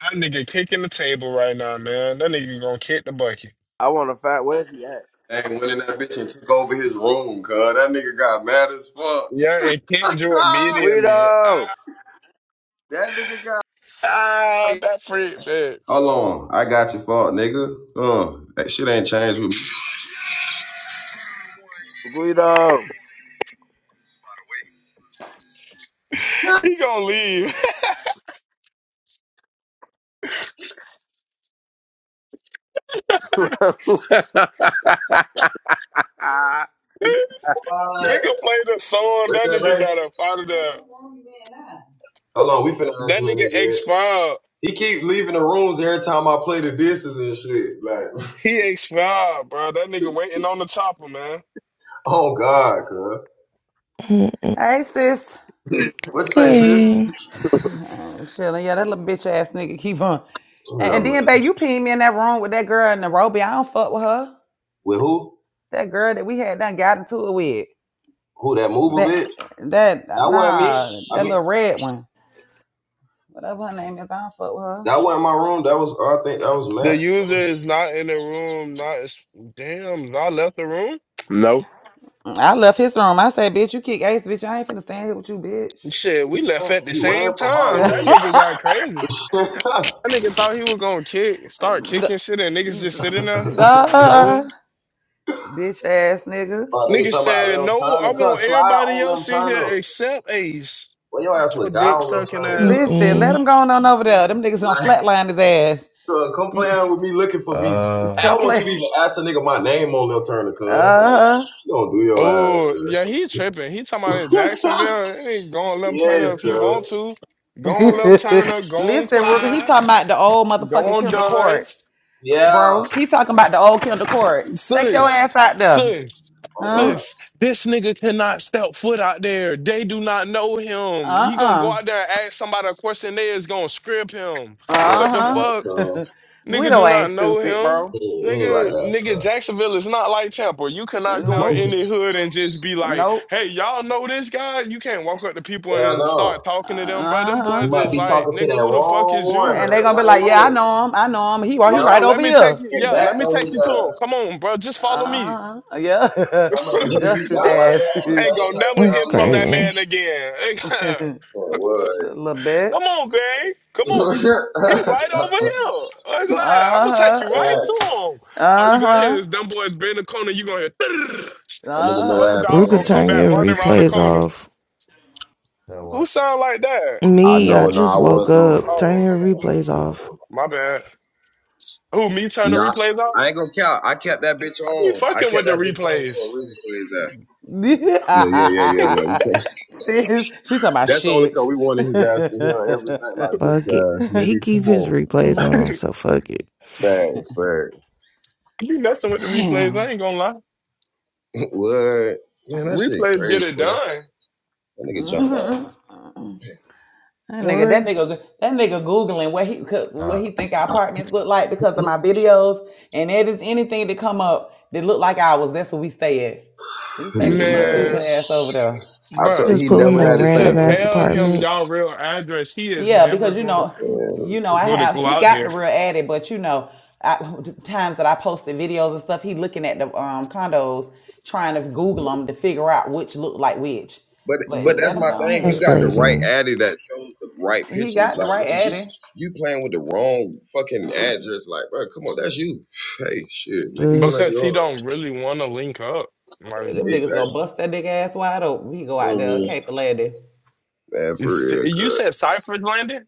That nigga kicking the table right now, man. That nigga gonna kick the bucket. I want to find where's he at? They went in that bitch and took over his room, cuz. That nigga got mad as fuck. Yeah, and kick Drew immediately. Guido, Ah, that nigga got. ah that freak bitch. Hold on. I got your fault, nigga. Uh, that shit ain't changed with me. Guido. He gonna leave. What? nigga played the song. What's That that, nigga man? got up out of there. Hold on, we finna have That you in nigga this bed. expired. He keep leaving the rooms every time I play the disses and shit. Like, He expired, bro. That nigga waiting on the chopper, man. oh God, cuz. Mm-mm. Hey sis, What say, sir? Hey, uh, chilling. Yeah, that little bitch ass nigga keep on. And, Yeah, and then, man. babe, you pin me in that room with that girl in Nairobi. I don't fuck with her. With who? That girl that we had done got into it with. Who that move a That bit? that That wasn't me. nah, I that mean, little red one. Whatever her name is, I don't fuck with her. that wasn't my room. That was I think that was The Matt. user is not in the room. Not as damn. I left the room. no, Mm, I left his room. I said, bitch, you kick ass, bitch. I ain't finna stand here with you, bitch. Shit, we left at the He ran same from my time. That room. nigga got crazy. That nigga thought he was gonna kick, start kicking shit, and niggas just sitting there. No. Duh, bitch ass nigga. My nigga Nigga talking about said, no, Lim I Turner. want Cuz slide everybody on Lim else in here Turner. except Ace. Well, your ass Get your would die dick on Lim sucking Turner, ass. Listen, cuz. let Mm-mm. him go on over there. Them niggas gonna Like, flatline his cuz, come ass. playing with me looking for me. Hey, I Couple want you play. to even ask a nigga my name on Lim Turner, Uh cuz. Like, huh. you don't do your Oh, yeah, ass, he tripping. He talking about in cuz. Jacksonville. He ain't gonna let him turn up yes, if he want cuz. to. Going on, let him turn up. Going on, Listen, Ruger, he Clyde. talking about the old motherfucking Going on, Kendall Dunn. Court, Yeah. bro. He talking about the old Kendall Court. Take your ass Sis, out there. sis, Oh, Huh? God. sis, this nigga cannot step foot out there. They do not know him. You gonna go Uh-uh. out there and ask somebody a question, they is gonna script him. Man, What the right, fuck? Uh-huh. cuz. Nigga Guido do ain't not know stupid, him. bro. He he ain't like Nigga, that, nigga, cuz. Jacksonville is not like Tampa. You cannot go in Nope. any hood and just be like, Nope. hey, y'all know this guy? You can't walk up to people Hell and start no. talking to them, bro. Them You Uh-huh. boys might is be like, talking to nigga, that who the fuck wrong is one you? And or that they gonna be white like, yeah, I one. know him. I know him. He right, he Hold right Yeah. on, let over me take here. you. And Yeah, let back me on take his you to ass. him. Come on, bro. Just follow me. Uh-huh. Yeah. How much and niggas dust we his got like ass. that on the Ain't Little same gonna type never of that's time hear from that crazy. man again. we on? Come bitch. on, gang. Yeah, what? Come on. He right over here. I'm glad. I'm gonna take Uh-huh. you right God. to him. All you gonna hear Uh-huh. his dumb boy bend the corner. You gonna hear That nigga know what a happened, dog man. gonna Ruka, Uh-huh. come turn back your running around the replays corner. off. Who sound like that? I Me, I know, no, just I woke was up. on. Turn Oh, your replays off. my bad. Who me turn the Nah, replays off? I ain't gonna count. I kept that bitch I be on. I fucking kept with the that bitch on for a replays. reason for his ass. Yeah, yeah, yeah, I yeah, yeah. We Sis, she's talking about That's only shit. because we wanted his ass to hear everything like bitch Fuck it. ass He nigga. keep Come his on. replays on, so fuck it. Facts, facts. be messing with the replays. Damn. I ain't gonna lie. what? Man, The that shit replays get crazy, it bro. done. That nigga jumped out. That nigga, that One nigga, that nigga googling what he could- what he think our apartments look like because of my that videos, and it is anything that come up that look like ours. That's what we stay at. Just take your nigga little mad. stupid man. ass over there. I told Bruh, Just he pulling never the had the niggas same can random ass tell energy. him y'all apartments. real address. He is Yeah, never because you gonna know, Yeah, you know, I gonna have go he out got the there real addy, but you know, I, times that I posted videos and stuff, he looking at the um condos, trying to Google them to figure out which look like which. But But but that's let him my go thing. You That's ahead. got the right crazy. addy that shows the right He pictures. got the Like nigga, right you addy. you playing with the wrong fucking address. Like, bro, come on, that's you. Hey, shit, make it seem like This. because you are. he don't really want to link up. Like Them niggas gonna Exactly. bust that nigga ass wide open. He go out there, Mm, Caper Lady, Man, for it's- real, you cuz. said, Cypher's landing.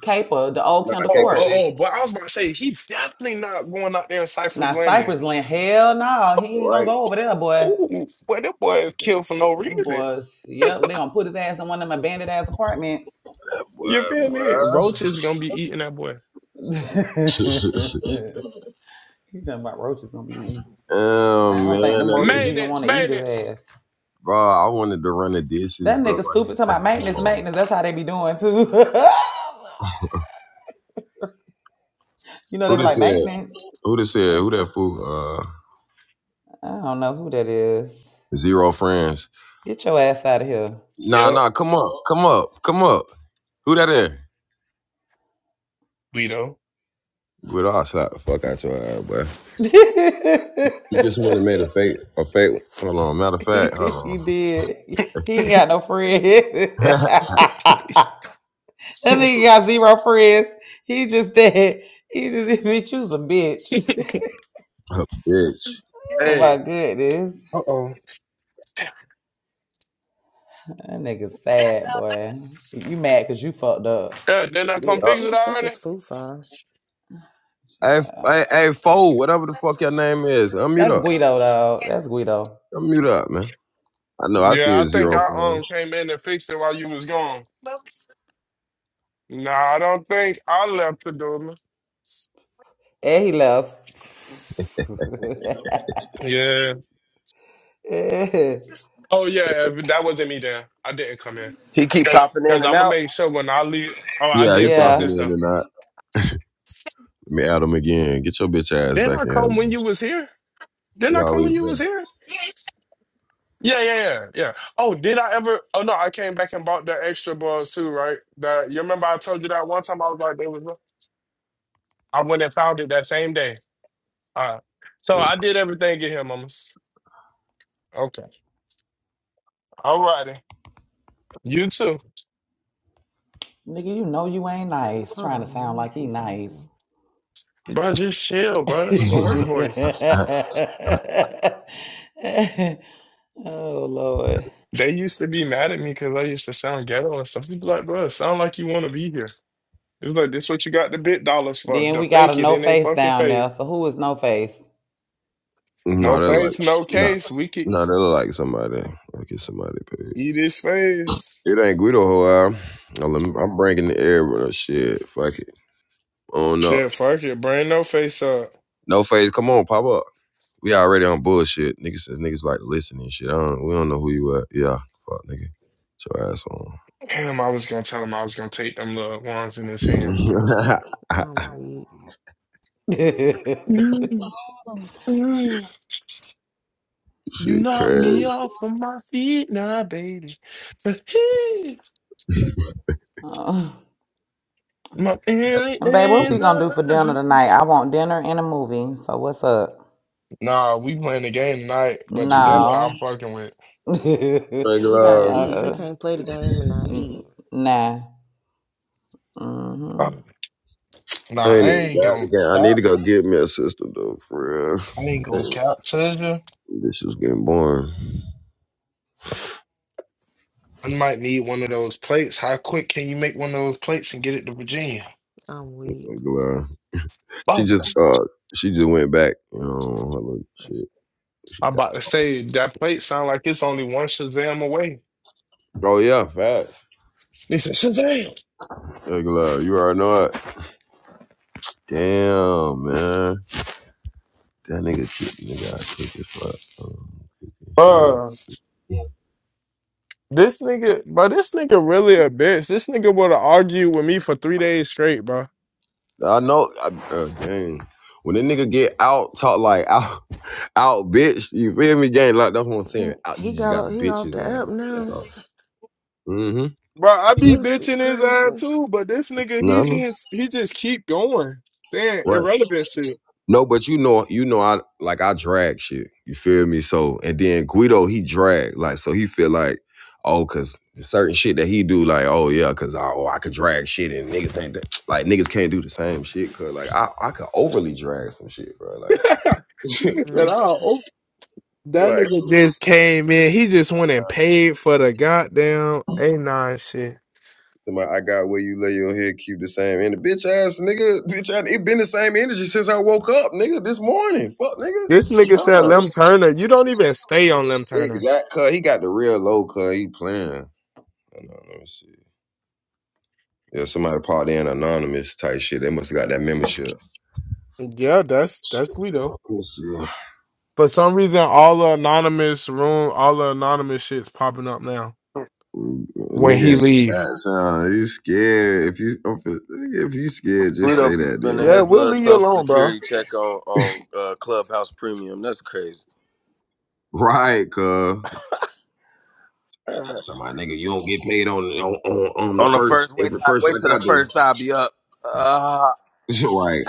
Caper, the old Nah, I Kendall Oh, can't Court. shit. oh, oh! But I was about to say he definitely not going out there in Cypher's Now landing. Cypress Land, hell no, he ain't gonna Right, go over there, boy. Ooh, boy, that boy is killed for no Them reason. boys, yep, they gonna put his ass in one of them abandoned ass apartments. You boy, feel me? Uh, boy. Roach is gonna be eating that boy. he talking about roaches gonna be eating him. oh I man, don't think them that roaches nigga. even Maintenance, want to eat his maintenance. ass. Bro, I wanted to run the dishes, That bro. Like nigga you stupid talking said, about maintenance, hello. maintenance. That's how they be doing too. you know Who they be this like said? maintenance. Who this said? I Who that fool? Uh, I don't know who that is. zero friends. Get your ass out of here. Nah, nah. Yep, Come up, come up, come up. Who that is? we know. With all slap the fuck out your ass, boy. You just would have made a fake, a fake. Hold on, matter of fact, hold he, he on, did. He, he ain't got no friends. that nigga got zero friends. He just dead. He just bitch, you's a bitch. bitch. oh hey. my goodness. Uh oh. That nigga sad, boy. You mad because you fucked up. Yeah, didn't I come Uh, fix Who Bitch. it the fuck already? is Fufa? hey, hey, hey, fool, whatever the fuck your name is, unmute That's up, Guido, though. That's Guido. unmute up, man. I know, I see Yeah, I a think zero I phone. um came in and fixed it while you was gone. Nah, I don't think I left the door. And he left. Yeah. Oh yeah, but that wasn't me then. I didn't come in. he keep popping Cause in and I'm gonna out. make sure when I leave. Oh, I Yeah, he did fix yeah. popping this in though. and out. Let me add him again. Get your bitch ass Didn't back I in here. come when you was here? Didn't They I come always when you was ready. here? Yeah, yeah, yeah, yeah. Oh, did I ever? Oh no, I came back and bought the extra balls too, right? That you remember I told you that one time I was like, they was. I went and found it that same day. All right. So I did everything in here, mamas. Okay. All righty. You too. Nigga, you know you ain't nice. Hold Trying to on, let sound me like he see nice. something. Bro, just chill, bro. That's my work voice. oh, Lord. They used to be mad at me because I used to sound ghetto and stuff. People like, bro, it sound like you want to be here. It was like, this what you got the bit dollars for. Then The we got a fake it no in they face fucking down there. face. So who is no face? no, No they're like, face, no no, case. We could no, they're like somebody. Look at somebody. baby. eat his face. It ain't Guido whole album. Now, let me- I'm bringing the air with us. Shit, fuck it. On up. Shit, fuck it. Bring no face up. No phase, come on, pop up. We already on bullshit. Niggas says niggas like to listen and shit. I don't, we don't know who you are. Yeah, fuck, nigga. Get your ass on. Damn, I was gonna tell him I was gonna take them little ones in his hand. I'm weak. Mm. Mm. You shit, knock me crazy. off of my feet now, baby. But he, Oh. my And babe, what we aliens gonna do are for dinner tonight? us. I want dinner and a movie. So what's up? Nah, we playing the game tonight, but the dinner I'm No. fucking with. uh, Thank He uh, gotta God. eat. He uh, can't play the game and not n- eat. nah. Mm-hmm. Um, I Nah, ain't I even ain't got gonna the game. I need cap. to go get me a sister, though, for real. I ain't gonna Hey, cap, Tizia. This is getting boring. I might need one of those plates. How quick can you make one of those plates and get it to Virginia? I'm weak. Thank God. She Oh, just, uh, she just went back, you know, on her little shit. She I'm about to say that plate sound like it's only one Shazam away. Oh yeah, facts. It's a Shazam. Like, love, you already know it. Damn, man. That nigga, kick- nigga, I kick his fuck. Um, kick his shit. Yeah. This nigga, bro, this nigga really a bitch. This nigga would have argued with me for three days straight, bro. I know. I, uh, dang. When that nigga get out, talk like out, out, bitch. You feel me, gang? Like that's what I'm saying. Mm, Out, He you just got got o- the he off bitches the ass. app That's now. all. Mm-hmm. Bro, I be This shit bitching his ass crazy. too, but this nigga, he No, just, he just keep going, saying what? irrelevant shit. No, but you know, you know, I like I drag shit. You feel me? So and then Guido, he drag like so he feel like oh, cause certain shit that he do like oh yeah, cause I, oh I could drag shit and niggas ain't that, like niggas can't do the same shit. Cause like I I could overly drag some shit, bro. Like nigga said, the- "Oh, Miss. oh." that like nigga just came in. He just went and paid for the goddamn a nine shit." to my I got where you lay your head, keep the same. And the bitch ass nigga, bitch, I, it been the same energy since I woke up, nigga. This morning, fuck, nigga. This What you nigga talking said, about? "Lem Turner, you don't even stay on Lem Turner." Exact, cause he got the real low, cause he playing. Hold on, Let me see. Yeah, somebody probably in anonymous type shit. They must have got that membership. Yeah, that's that's we though. Let me see. For some reason, all the anonymous room, all the anonymous shit's popping up now. Mm, when Nigga he in leave. bad You scared. If you if if you scared, just Guido say be that spending Yeah, then. his we'll little leave you social alone, bro. security check on on uh, Clubhouse Premium. That's crazy. Right, cuz. Tell my nigga, you don't get paid on on, on, on Uh, the on the first first wait, every till I, first wait like till I the first I'll be up. Uh, do. right.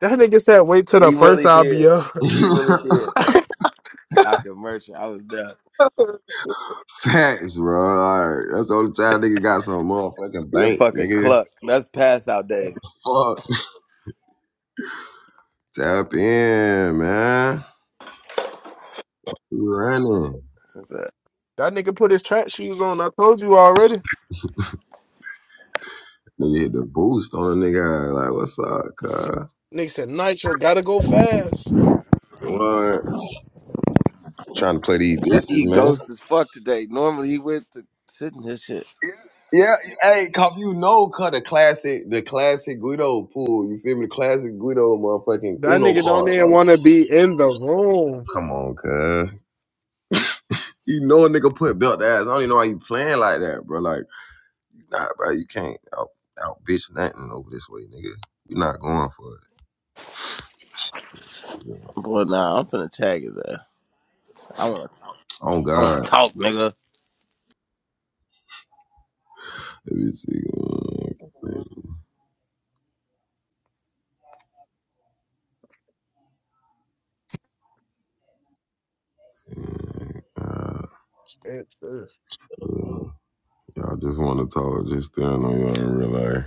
That nigga said, "Wait till the he first really I'll be did. up." He really did. I could merch it. I was done. Shit. Facts, bro. Like, that's the only time nigga got some motherfucking He a bank, fucking nigga. cluck. That's pass out days. Fuck. Tap in, man. You running. That's it. that nigga put his track shoes on. I told you already. Nigga hit the boost on a nigga. Like, what's up, cuz? Nigga said Nitro gotta go fast. What? Trying to play these dishes, He man. ghost as fuck today. Normally he went to sitting his shit. Yeah, hey, cause you know, cause the classic, the classic Guido pool. You feel me? The classic Guido motherfucking That Uno nigga don't card. even Like, want to be in the room. come on, cuz. You know a nigga put belt to ass. I don't even know why you playing like that, bro. Like, nah, bro, you can't out, out bitch nothing over this way, nigga. You're not going for it. It's- Boy, nah, I'm finna tag his ass. I want, Oh I God. want to talk, nigga. Let me see. Uh, It- uh, uh, Yeah, I just want to talk, just staring on you in real life.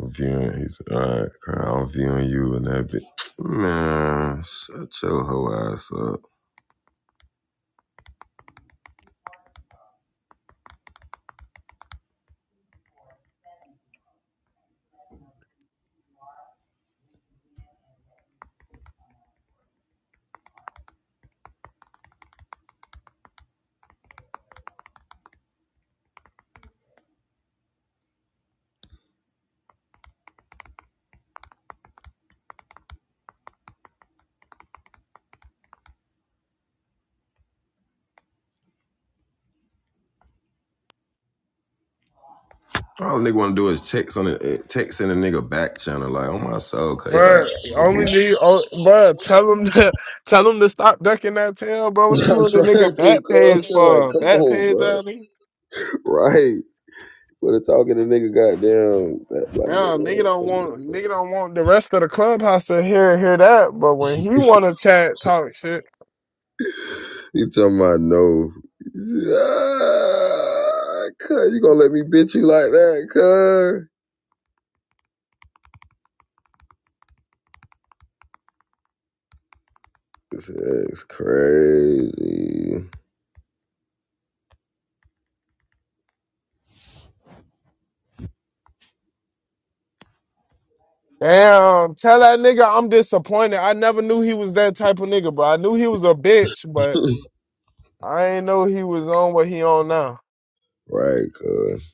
I'm viewing, he said, all right, Kyle, I'm viewing you and that bitch. Man, shut your hoe ass up. All a nigga want to do is text on the, text in the nigga back channel, like, on my soul, cause you're like, Bruh, only need, oh, bruh, tell him to tell him to stop ducking that tail, bro. What you I'm on the trying to, nigga cause back page I'm like, for? come Back on, page, bro. that nigga. Right. But it's talking to nigga, goddamn, that, like, Yeah, nigga man. don't want nigga don't want the rest of the clubhouse to hear hear that. But when he want to chat, talk shit. He talking about no. Ah, cuz, you gonna let me bitch you like that, cuz? It's crazy. Damn, tell that nigga I'm disappointed. I never knew he was that type of nigga, bro. I knew he was a bitch, but I ain't know he was on what he on now. Right, cuz.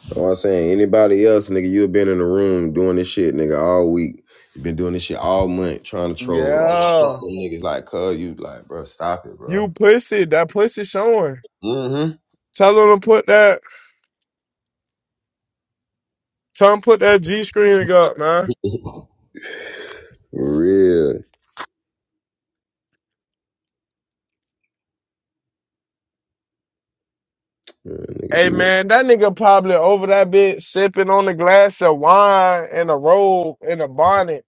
So I'm saying anybody else, nigga, you have been in the room doing this shit, nigga, all week. you been doing this shit all month, trying to troll. Oh, Yeah. fuck them niggas like, cuz, you like, bro, stop it, You bro. pussy, that pussy showing. Mm-hmm. Tell him to put that tell him put that G screen up, man. real. Man, nigga Hey be with man, that nigga probably over that bitch sipping on a glass of wine and a robe and a bonnet,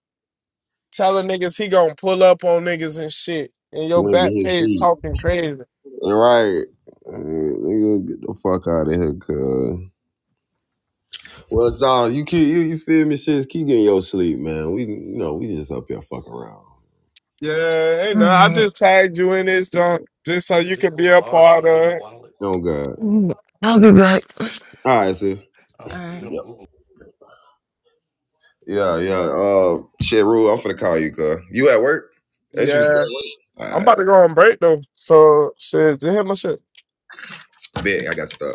telling niggas he gonna pull up on niggas and shit. And your swinging back his page feet. talking crazy. Right. Nigga, get the fuck out of here, cuz. Well, it's all you keep you, you feel me, sis. Keep getting your sleep, man. We you know, we just up here fucking around. Yeah, ain't All no. I right. just tagged you in this junk just so you could be a part of it. Oh god. I'll be back. All right, sis. All Yep. right. Yeah, yeah. Uh, shit, Rule, I'm finna call you, cuz. You at work? As you. Yeah. All I'm right. about to go on break though. So shit, just hit my shit. Bet, I got you.